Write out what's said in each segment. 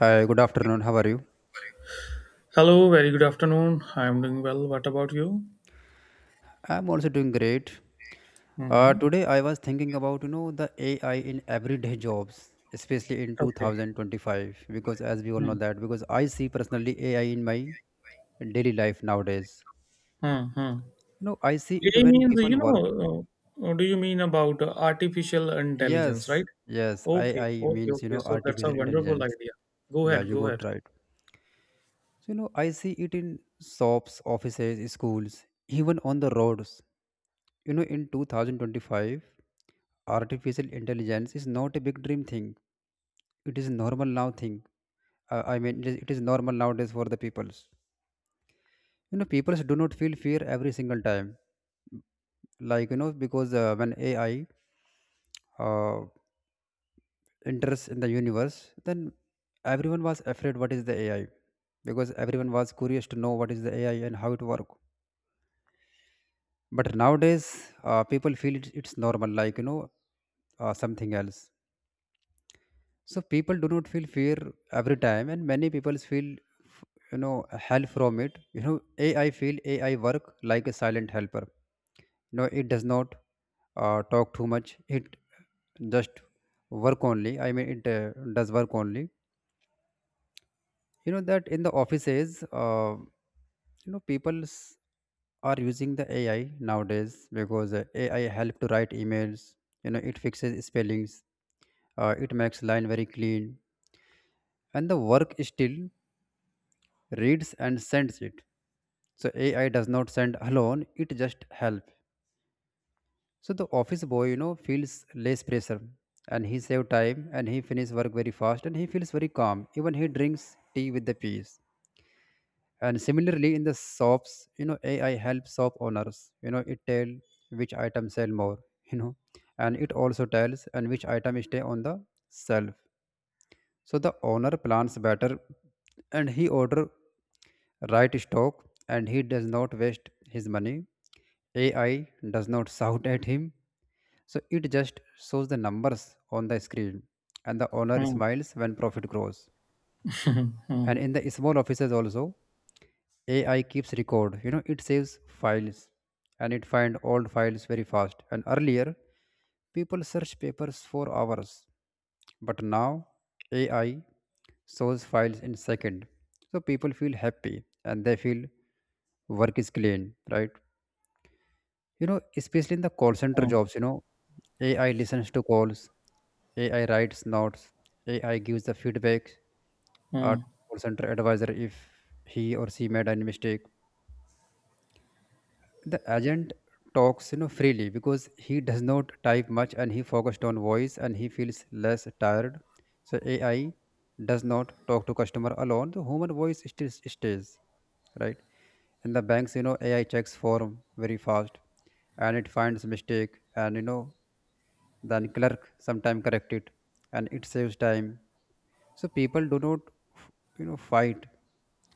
Hi, good afternoon. How are you? Hello, very good afternoon. I'm doing well. What about you? I'm also doing great. Uh, Hmm. today I was thinking about the AI in everyday jobs, especially in Okay. 2025, because as we all know, that because I see personally AI in my daily life nowadays. Mm-hmm. You know, I see it AI when means, people you work. know, uh, uh, do you mean about artificial intelligence, Yes, right? yes. Okay, AI okay, means, you okay. know, So that's a artificial wonderful intelligence. idea. Go Yeah, ahead, you go ahead. got right. So, you know, I see it in shops, offices, schools, even on the roads. You know, in 2025, artificial intelligence is not a big dream thing. It is a normal now thing. I mean, it is normal nowadays for the peoples. You know, peoples do not feel fear every single time. Like, you know, because when AI uh, enters in the universe, then everyone was afraid what is the AI, because everyone was curious to know what is the AI and how it work. But nowadays, people feel it's normal, like, you know, something else. So people do not feel fear every time, and many people feel f- you know, help from it. You know, ai work like a silent helper. No, it does not talk too much. It just work only. I mean, it does work only. You know that in the offices, you know, people are using the ai nowadays, because ai help to write emails. You know, it fixes spellings. It makes line very clean, and the work still reads and sends it. So ai does not send alone, it just help. So the office boy, you know, feels less pressure, and he save time and he finish work very fast, and he feels very calm. Even he drinks tea with the peace. And similarly in the shops, you know, ai helps shop owners. You know, it tell which item sell more, you know, and it also tells and which item stay on the shelf. So the owner plans better and he order right stock, and he does not waste his money. AI does not shout at him. So it just shows the numbers on the screen, and the owner Hmm, smiles when profit grows. hmm, hmm, And in the small offices also, AI keeps record. You know, it saves files and it find old files very fast. And earlier, people search papers for hours, but now AI shows files in second. So people feel happy and they feel work is clean, right? You know, especially in the call center hmm, jobs, you know, AI listens to calls, AI writes notes, AI gives the feedback, hmm. our call center advisor, if he or she made any mistake. The agent talks, you know, freely because he does not type much, and he focused on voice and he feels less tired. So AI does not talk to customer alone. The human voice still stays, right? In the banks, you know, AI checks form very fast, and it finds mistake, and you know, then clerk sometime correct it, and it saves time. So people do not, you know, fight.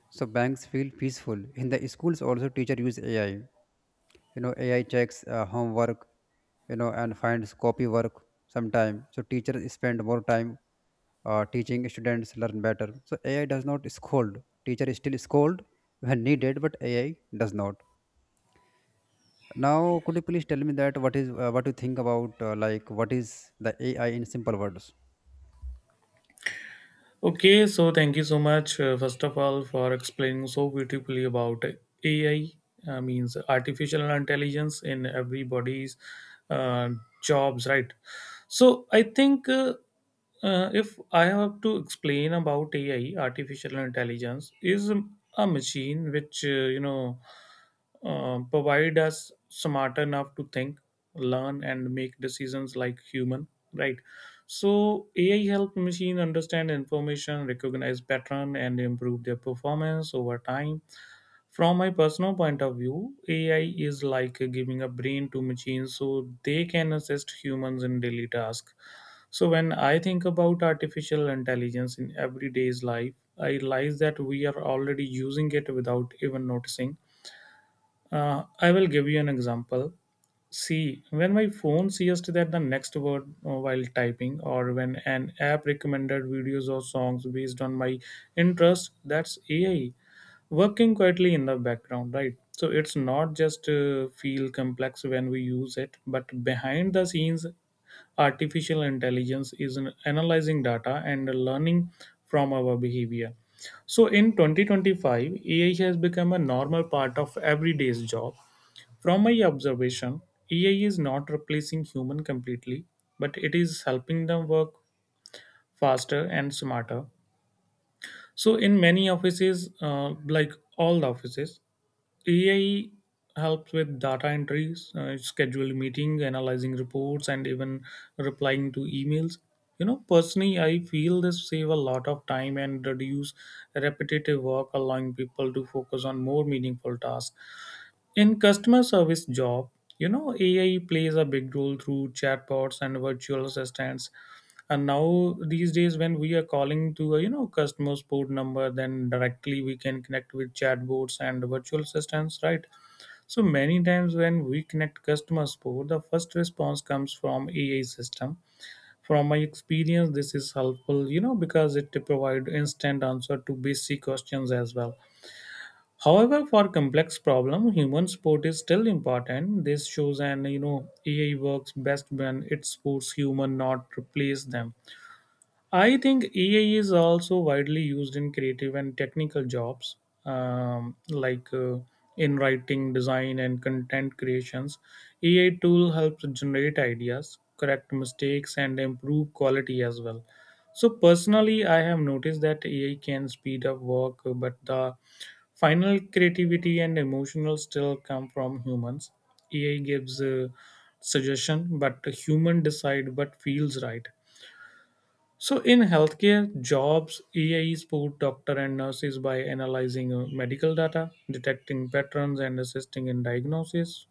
So banks feel peaceful. In the schools also, teacher use AI. You know, ai checks homework, you know, and finds copy work sometime. So teachers spend more time teaching. Students learn better. So ai does not scold, teacher is still scold when needed. But ai does not. Now, could you please tell me that what is what you think about, like, what is the ai in simple words? Okay, so thank you so much, first of all, for explaining so beautifully about AI, means artificial intelligence in everybody's uh, jobs, right? So I think. If I have to explain about AI, artificial intelligence is a machine which you know provide us smart enough to think, learn, and make decisions like human. Right. So AI help machine understand information, recognize pattern, and improve their performance over time. From my personal point of view, AI is like giving a brain to machines so they can assist humans in daily tasks. So when I think about artificial intelligence in everyday's life, I realize that we are already using it without even noticing. I will give you an example. See, when my phone sees that the next word while typing, or when an app recommended videos or songs based on my interest, that's AI working quietly in the background, right? So it's not just feel complex when we use it, but behind the scenes, artificial intelligence is analyzing data and learning from our behavior. So in 2025, AI has become a normal part of everyday's job. From my observation, AI is not replacing human completely, but it is helping them work faster and smarter. So in many offices, like all the offices, AI helps with data entries, schedule meeting, analyzing reports, and even replying to emails. You know, personally, I feel this save a lot of time and reduce repetitive work, allowing people to focus on more meaningful tasks. In customer service job, you know, AI plays a big role through chatbots and virtual assistants. And now these days, when we are calling to a you know customer support number, then directly we can connect with chatbots and virtual assistants, right? So many times when we connect customer support, the first response comes from AI system. From my experience, this is helpful, you know, because it provide instant answer to basic questions as well. However, for complex problem, human support is still important. This shows and you know AI works best when it supports human, not replace them. I think AI is also widely used in creative and technical jobs, like in writing, design, and content creations. AI tool helps generate ideas, correct mistakes, and improve quality as well. So personally, I have noticed that AI can speed up work, but the final creativity and emotional still come from humans. AI gives a suggestion, but human decide what feels right. So in healthcare jobs, AI support doctor and nurses by analyzing medical data, detecting patterns, and assisting in diagnosis.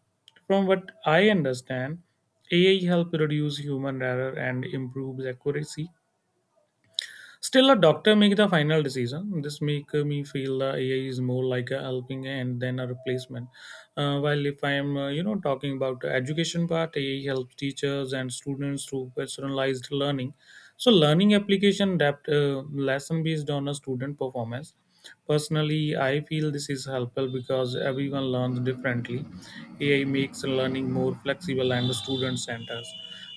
From what I understand, AI help reduce human error and improves accuracy. Still, a doctor make the final decision. This make me feel the AI is more like a helping hand than a replacement. While if I am, you know, talking about the education part, AI helps teachers and students through personalized learning. So, learning application adapt lesson based on a student performance. Personally, I feel this is helpful because everyone learns differently. AI makes learning more flexible and student centers,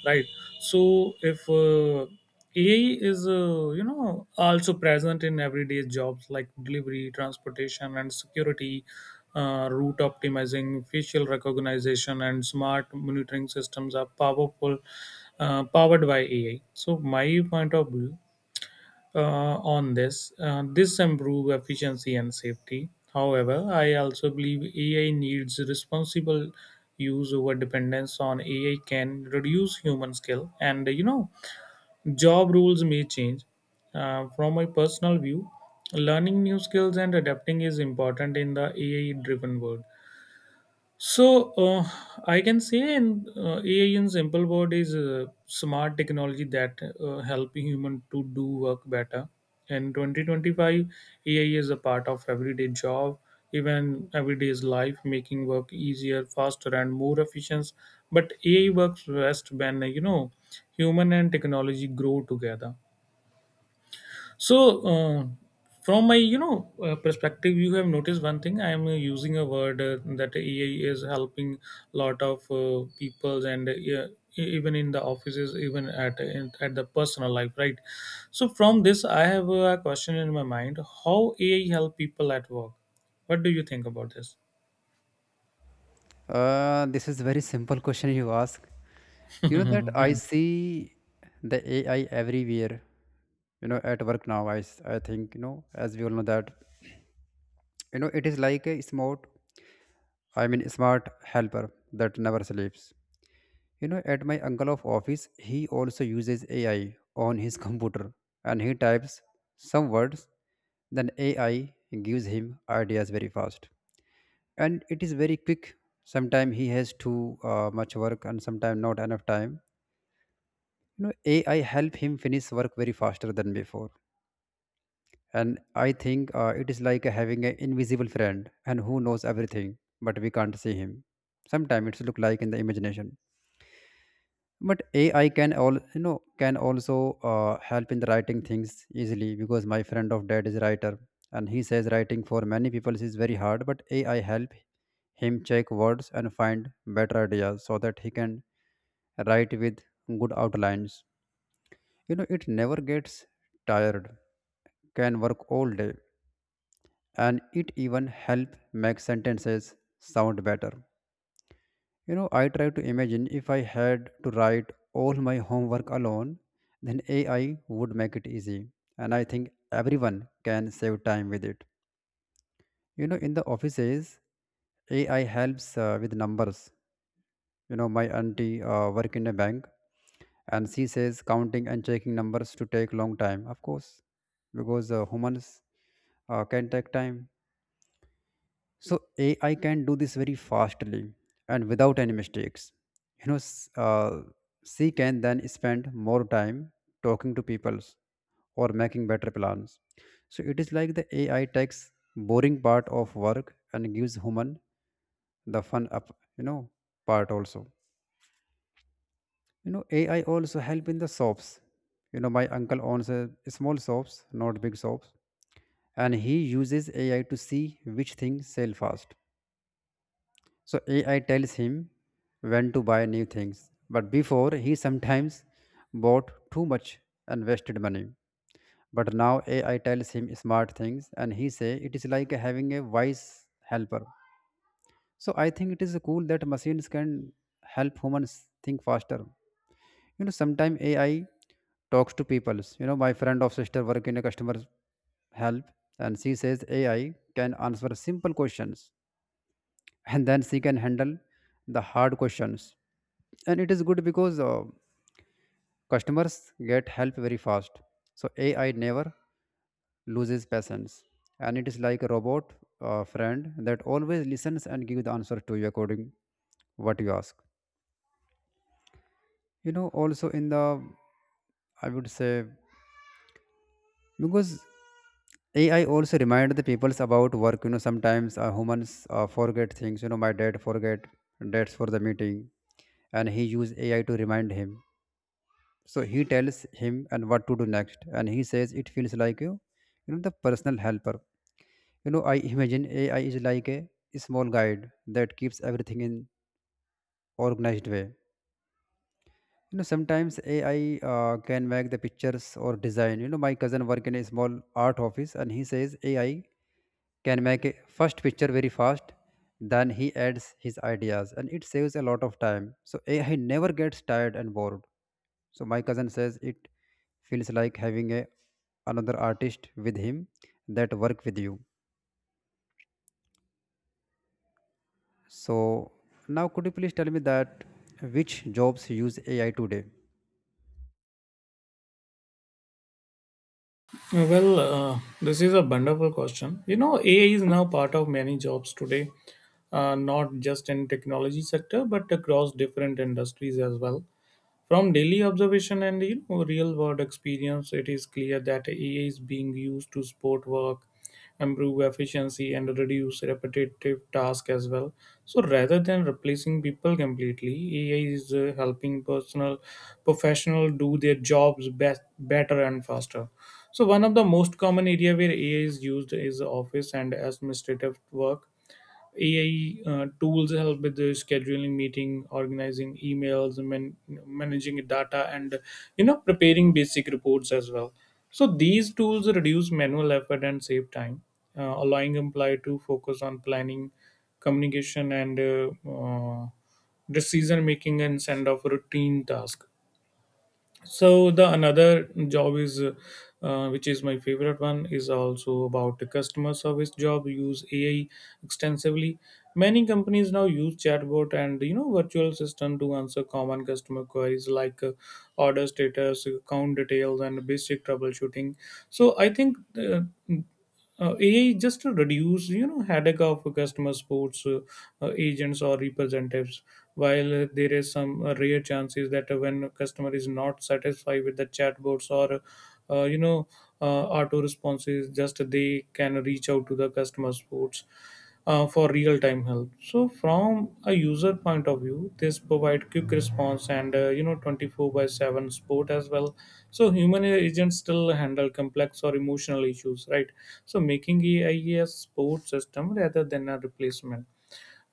right? So if AI is you know also present in everyday jobs like delivery transportation and security. Route optimizing, facial recognition, and smart monitoring systems are powerful powered by AI. So my point of view on this: this improve efficiency and safety. However, I also believe AI needs responsible use. Over dependence on AI can reduce human skill, and you know, job rules may change. From my personal view, learning new skills and adapting is important in the AI-driven world. So I can say, and AI in simple word is smart technology that help human to do work better. In 2025, AI is a part of everyday job, even everyday's life, making work easier, faster, and more efficient. But AI works best when you know human and technology grow together. So, from my you know perspective, you have noticed one thing. I am using a word that AI is helping a lot of people and yeah, even in the offices, even at the personal life, right? So, from this, I have a question in my mind: how AI help people at work? What do you think about this? This is very simple question you ask. You know that I see the ai everywhere. You know, at work now, I think, you know, as we all know that, you know, it is like a smart, I mean, smart helper that never sleeps. You know, at my uncle of office, he also uses ai on his computer, and he types some words, then ai gives him ideas very fast, and it is very quick. Sometimes he has too much work and sometimes not enough time. You know, ai help him finish work very faster than before. And I think, it is like having an invisible friend and who knows everything, but we can't see him. Sometimes it's look like in the imagination. But ai can, all you know, can also help in the writing things easily, because my friend of dad is a writer, and he says writing for many people is very hard, but ai help him check words and find better ideas so that he can write with good outlines. You know, it never gets tired, can work all day, and it even help make sentences sound better. You know, I try to imagine, if I had to write all my homework alone, then ai would make it easy, and I think everyone can save time with it. You know, in the offices, ai helps with numbers. You know, my auntie work in a bank, and she says counting and checking numbers to take long time, of course, because humans can take time. So AI can do this very fastly and without any mistakes. You know, she can then spend more time talking to people or making better plans. So it is like the AI takes boring part of work and gives human the fun up, you know, part also. You know, AI also help in the shops. You know, my uncle owns a small shops, not big shops, and he uses AI to see which things sell fast. So AI tells him when to buy new things. But before, he sometimes bought too much and wasted money. But now AI tells him smart things, and he say it is like having a wise helper. So I think it is cool that machines can help humans think faster. You know, sometimes AI talks to people. You know, my friend of sister work in a customer help, and she says AI can answer simple questions, and then she can handle the hard questions. And it is good because, customers get help very fast. So ai never loses patience, and it is like a robot friend that always listens and gives the answer to you according what you ask. You know, also in the, I would say, because ai also remind the peoples about work. You know, sometimes humans forget things. You know, my dad forget dates for the meeting, and he use ai to remind him. So he tells him and what to do next, and he says it feels like you know, the personal helper. You know, I imagine ai is like a small guide that keeps everything in organized way. You know, sometimes ai can make the pictures or design. You know, my cousin work in a small art office, and he says ai can make a first picture very fast, then he adds his ideas and it saves a lot of time. So ai never gets tired and bored. So my cousin says it feels like having a another artist with him that work with you. So now, could you please tell me that which jobs use AI today? Well, this is a wonderful question. You know, AI is now part of many jobs today, not just in technology sector, but across different industries as well. From daily observation and you know, real world experience, it is clear that AI is being used to support work, improve efficiency, and reduce repetitive tasks as well. So, rather than replacing people completely, AI is helping personal professional do their jobs best, better and faster. So, one of the most common area where AI is used is office and administrative work. AI tools help with the scheduling meeting, organizing emails, managing data, and you know preparing basic reports as well. So these tools reduce manual effort and save time, allowing employee to focus on planning, communication, and decision making and send off routine task. So the another job is which is my favorite one is also about the customer service job use AI extensively. Many companies now use chatbot and you know virtual assistant to answer common customer queries like order status, account details, and basic troubleshooting. So I think AI just to reduce you know headache of customer sports agents or representatives. While there is some rare chances that when a customer is not satisfied with the chatbots or uh, you know auto responses, just they can reach out to the customer sports for real-time help. So from a user point of view, this provide quick response and you know 24 by 7 support as well. So human agents still handle complex or emotional issues, right? So making AI a support system rather than a replacement.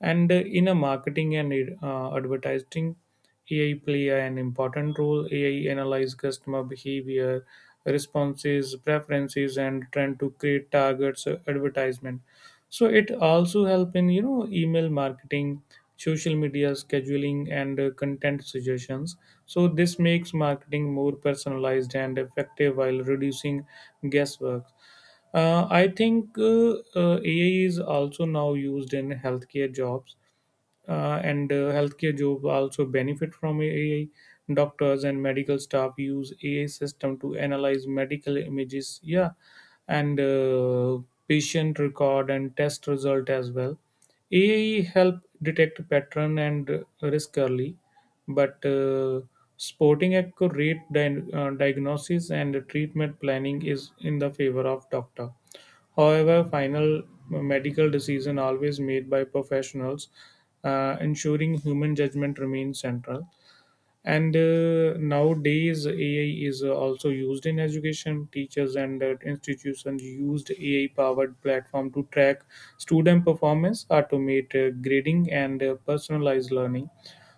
And in a marketing and advertising, AI play an important role. AI analyze customer behavior, responses, preferences, and trend to create targets advertisement. So it also help in you know email marketing, social media scheduling, and content suggestions. So this makes marketing more personalized and effective while reducing guesswork. I think AI is also now used in healthcare jobs, and healthcare jobs also benefit from AI. Doctors and medical staff use AI system to analyze medical images, yeah, and patient record and test result as well. AI help detect pattern and risk early, but sporting accurate diagnosis and treatment planning is in the favor of doctor. However, final medical decision always made by professionals, ensuring human judgment remains central. And nowadays, AI is also used in education. Teachers and institutions used AI-powered platform to track student performance, automate grading, and personalize learning.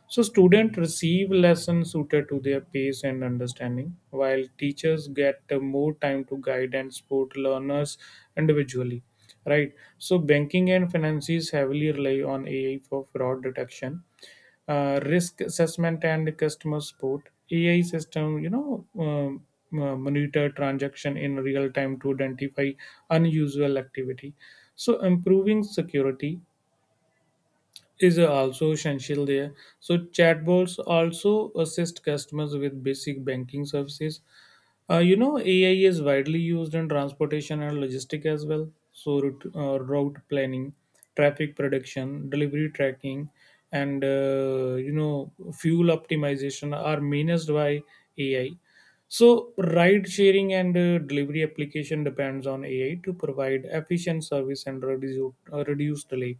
So students receive lessons suited to their pace and understanding, while teachers get more time to guide and support learners individually. Right. So banking and finances heavily rely on AI for fraud detection, risk assessment, and customer support. AI system you know monitor transaction in real time to identify unusual activity, so improving security is also essential there. So chatbots also assist customers with basic banking services. You know, AI is widely used in transportation and logistic as well. So, route planning, traffic prediction, delivery tracking, and you know, fuel optimization are managed by AI. So, ride sharing and delivery application depends on AI to provide efficient service and reduce delay.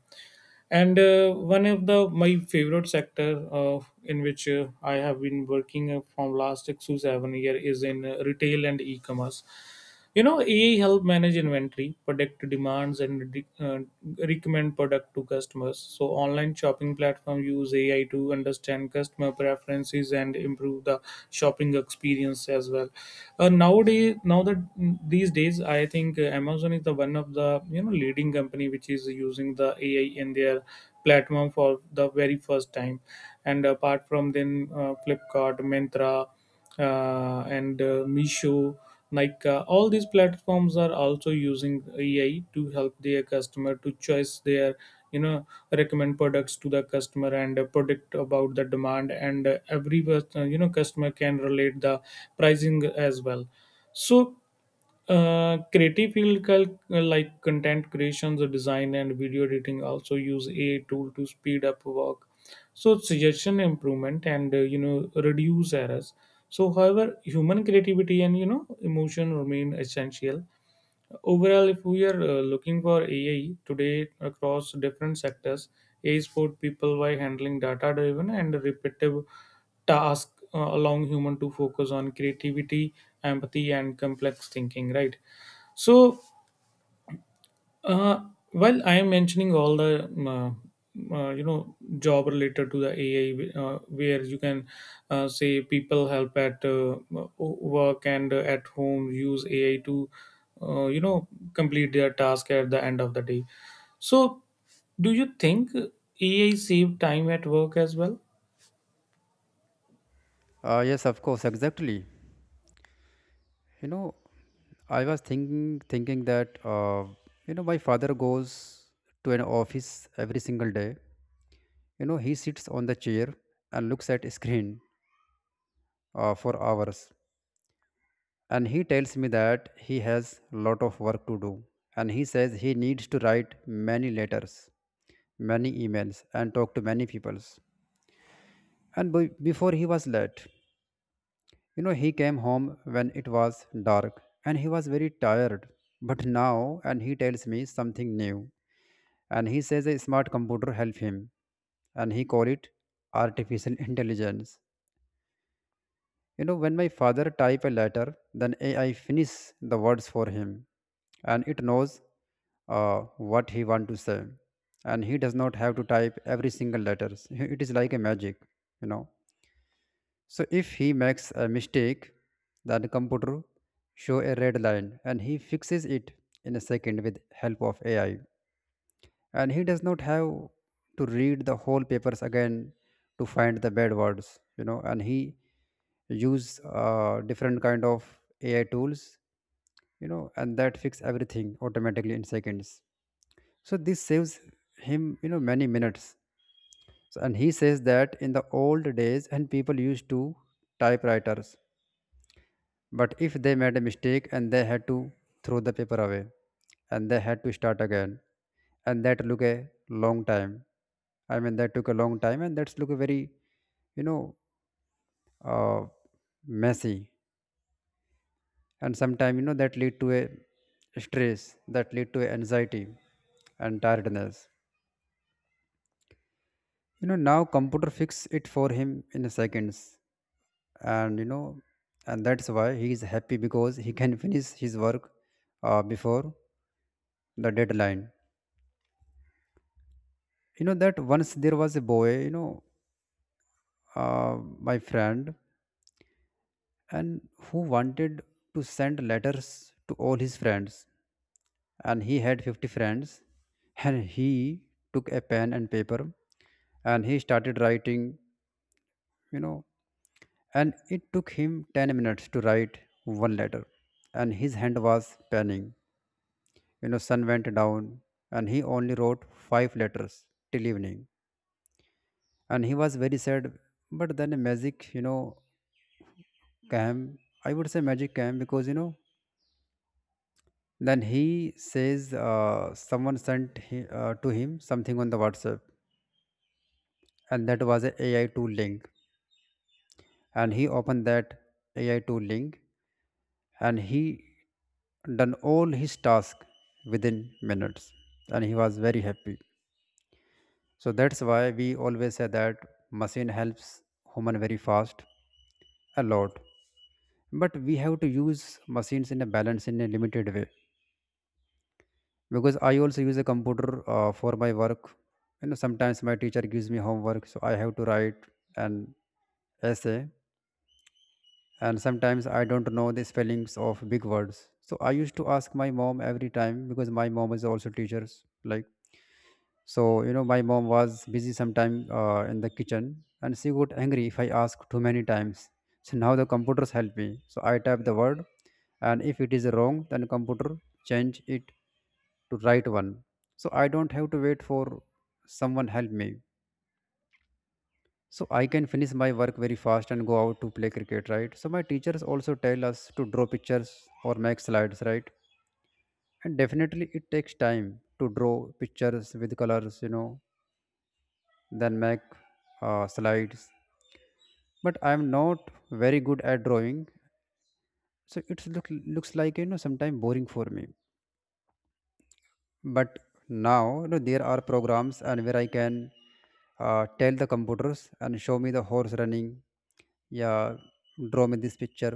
And one of the my favorite sector in which I have been working from last 6 to 7 year is in retail and e-commerce. You know, AI help manage inventory, predict demands, and recommend product to customers. So online shopping platform use AI to understand customer preferences and improve the shopping experience as well. Nowadays now that These days I think Amazon is the one of the you know leading company which is using the AI in their platform for the very first time. And apart from then, Flipkart, Myntra, and Misho, like all these platforms are also using AI to help their customer to choose their you know recommend products to the customer and predict about the demand and every you know customer can relate the pricing as well. So Creative field like content creations, design, and video editing also use AI tool to speed up work. So suggestion improvement and reduce errors. So, however, human creativity and emotion remain essential. Overall, if we are looking for AI today across different sectors, AI support people by handling data-driven and repetitive task, allowing human to focus on creativity, empathy, and complex thinking. Right. So uh, well, I am mentioning all the job related to the AI, where you can say people help at work and at home use AI to uh, you know complete their task at the end of the day. So, do you think AI save time at work as well? Yes, of course, exactly. You know, I was thinking that, you know, my father goes to an office every single day. You know, he sits on the chair and looks at a screen for hours, and he tells me that he has lot of work to do, and he says he needs to write many letters, many emails, and talk to many peoples. And before, he was late. You know, he came home when it was dark and he was very tired. But now, and he tells me something new, and he says a smart computer help him, and he call it artificial intelligence. You know, when my father type a letter, then AI finish the words for him, and it knows what he want to say, and he does not have to type every single letters. It is like a magic, you know. So if he makes a mistake, then computer show a red line, and he fixes it in a second with help of AI, and he does not have to read the whole papers again to find the bad words, you know, and he use different kind of ai tools, you know, and that fix everything automatically in seconds. So this saves him, you know, many minutes. So, and he says that in the old days and people used to typewriters, but if they made a mistake and they had to throw the paper away and they had to start again, and that took a long time. I mean that took a long time and that's look a very, you know, uh, messy. And sometimes, you know, that lead to a stress, that lead to anxiety and tiredness. You know, now computer fix it for him in seconds. And you know, and that's why he is happy because he can finish his work before the deadline. You know that once there was a boy, you know, my friend, and who wanted to send letters to all his friends, and he had 50 friends, and he took a pen and paper, and he started writing, you know, and it took him 10 minutes to write one letter, and his hand was panning, you know, sun went down, and he only wrote five letters till evening, and he was very sad. But then a magic, you know, came. I would say magic came because, you know, then he says someone sent he, to him something on the whatsapp, and that was a ai tool link, and he opened that AI tool link, and he done all his task within minutes, and he was very happy. So that's why we always say that machine helps human very fast a lot. But we have to use machines in a balance in a limited way because I also use a computer for my work. You know, sometimes my teacher gives me homework, so I have to write an essay, and sometimes I don't know the spellings of big words. So I used to ask my mom every time because my mom is also teachers. Like so, you know, my mom was busy sometime in the kitchen, and she got angry if I asked too many times. So now the computers help me. So I type the word, and if it is wrong, then computer change it to right one. So I don't have to wait for someone help me, so I can finish my work very fast and go out to play cricket, right? So my teachers also tell us to draw pictures or make slides, right? And definitely it takes time to draw pictures with colors, you know, then make slides, but I'm not very good at drawing, so looks like, you know, sometimes boring for me. But now, you know, there are programs and where I can tell the computers and show me the horse running, yeah, draw me this picture.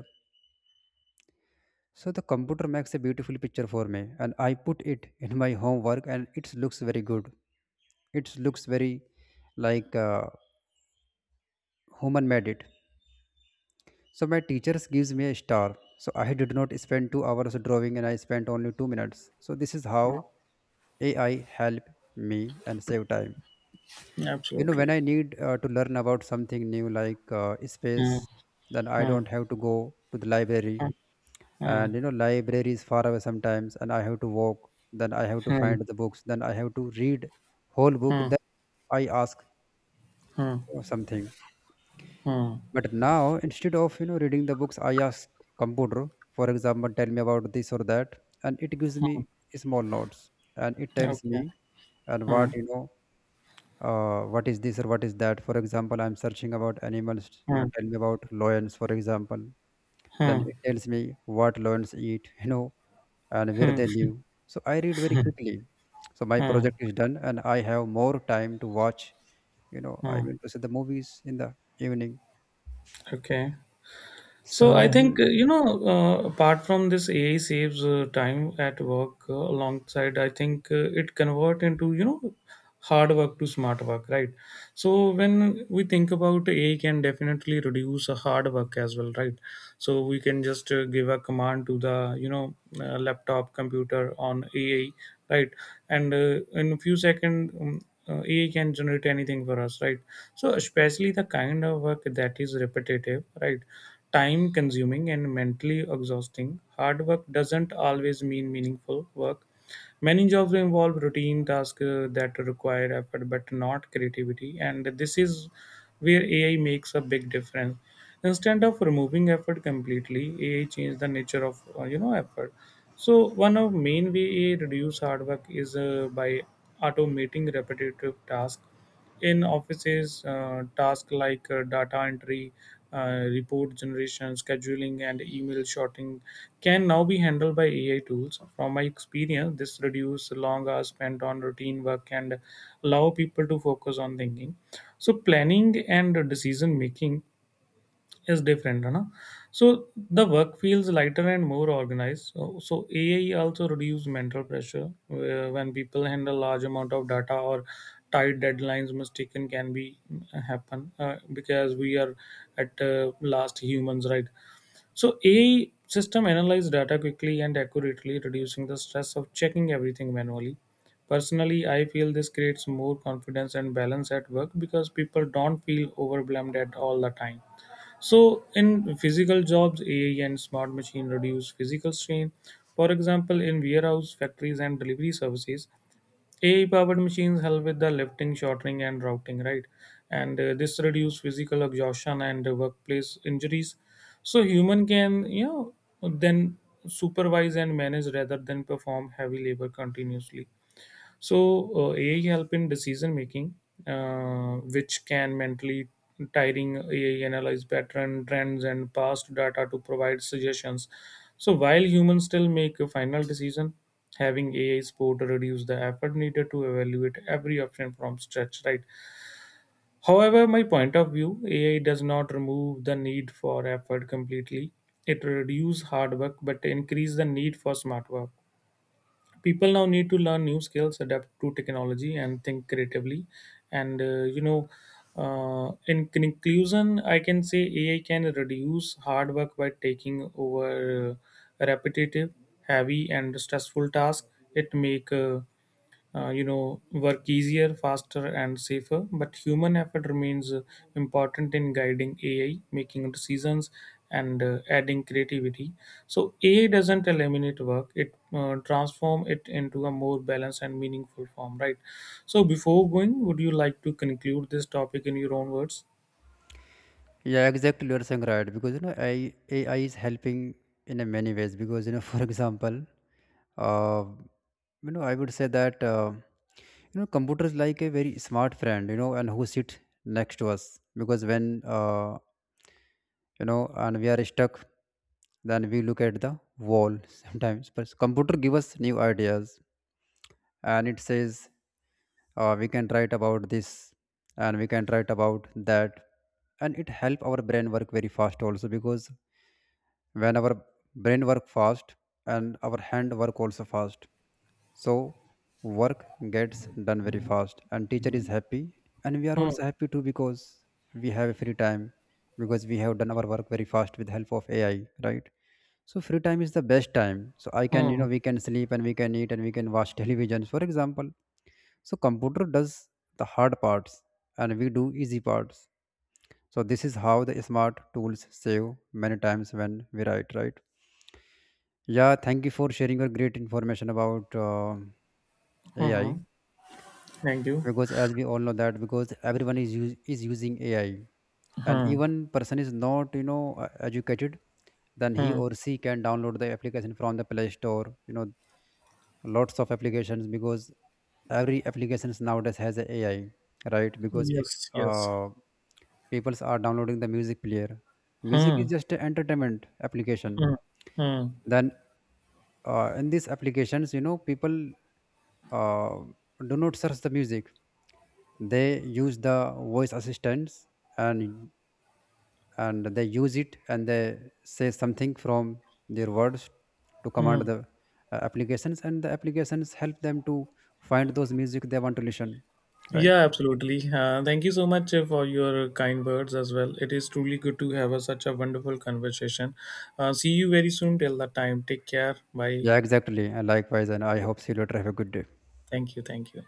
So the computer makes a beautiful picture for me, and I put it in my homework, and it looks very good. It looks very like human made it. So my teachers gives me a star. So I did not spend 2 hours drawing, and I spent only 2 minutes. So this is how AI help me and save time. You know, when Absolutely. I need to learn about something new like Hmm. space, then I Hmm. don't have to go to the library. Hmm. And you know library is far away sometimes, and I have to walk, then I have to Hmm. find the books, then I have to read whole book, Hmm. then I ask Hmm. mm, for something. mm, But now instead of, you know, reading the books I ask computer, for example, tell me about this or that, and it gives me mm. small notes, and it tells me Okay. and Hmm. what, you know, what is this or what is that. For example, I'm searching about animals, you know, Hmm. tell me about lions, for example. Then Hmm. it tells me what lions eat, you know, and where Hmm. they live. So I read very quickly. So my mm. project is done, and I have more time to watch. You know, I Hmm. mean to see the movies in the evening. Okay. So I So think apart from this, AI saves time at work. Alongside, I think it convert into hard work to smart work, right? So when we think about AI, can definitely reduce hard work as well, right? So we can just give a command to the laptop computer on AI, right? And in a few seconds AI can generate anything for us, right? So especially the kind of work that is repetitive, right? Time consuming and mentally exhausting, hard work doesn't always mean meaningful work. Many jobs involve routine tasks that require effort but not creativity, and this is where AI makes a big difference. Instead of removing effort completely, AI changed the nature of effort. So one of main way AI reduce hard work is by automating repetitive tasks. In offices, tasks like data entry, report generation, scheduling, and email sorting can now be handled by AI tools. From my experience, this reduces long hours spent on routine work and allow people to focus on thinking, so planning and decision making is different, no? So the work feels lighter and more organized. So AI also reduce mental pressure where when people handle large amount of data or tight deadlines. Mistaken can be happen because we are at last humans, right? So AI system analyze data quickly and accurately, reducing the stress of checking everything manually. Personally, I feel this creates more confidence and balance at work because people don't feel overwhelmed at all the time. So, in physical jobs, AI and smart machine reduce physical strain. For example, in warehouse, factories, and delivery services, AI-powered machines help with the lifting, shortening, and routing, right? And this reduce physical exhaustion and workplace injuries. So, human can, you know, then supervise and manage rather than perform heavy labor continuously. AI help in decision making, which can mentally tiring. AI analyze pattern, trends, and past data to provide suggestions. So while humans still make a final decision, having AI support reduce the effort needed to evaluate every option from scratch. Right. However, my point of view, AI does not remove the need for effort completely. It reduces hard work but increase the need for smart work. People now need to learn new skills, adapt to technology, and think creatively. And you know In conclusion, I can say AI can reduce hard work by taking over repetitive, heavy, and stressful tasks. It make work easier, faster, and safer, but human effort remains important in guiding AI, making decisions, and adding creativity. So AI doesn't eliminate work, it transform it into a more balanced and meaningful form, right? So before going, would you like to conclude this topic in your own words? yeah, exactly you're saying right because, you know, AI is helping in a many ways because, you know, for example, uh, you know I would say that you know computers like a very smart friend, you know, and who sit next to us because when you know and we are stuck, then we look at the wall sometimes, but computer give us new ideas, and it says we can write about this and we can write about that, and it help our brain work very fast also because when our brain work fast and our hand work also fast, so work gets done very fast and teacher is happy, and we are hmm. also happy too because we have a free time because we have done our work very fast with help of ai, right? So free time is the best time, so I can, you Hmm. know, we can sleep and we can eat and we can watch televisions, for example. So computer does the hard parts and we do easy parts. So this is how the smart tools save many times when we write, right? Yeah, thank you for sharing your great information about Hmm. AI. hmm. Thank you. Because as we all know that because is using AI, and hmm. even person is not, you know, educated, then he Hmm. or she can download the application from the Play Store. You know, lots of applications because every applications nowadays has a AI, right? Because if Yes, yes. uh, people are downloading the music player, music is hmm. just an entertainment application. Hmm. Hmm. Then in these applications, you know, people uh, do not search the music, they use the voice assistants, and they use it, and they say something from their words to Hmm. command the applications, and the applications help them to find those music they want to listen, right? Yeah, absolutely. Thank you so much for your kind words as well. It is truly good to have a, such a wonderful conversation. See you very soon. Till that time, take care. Bye. Yeah, exactly, and likewise, and I hope see you later, have a good day. Thank you. Thank you.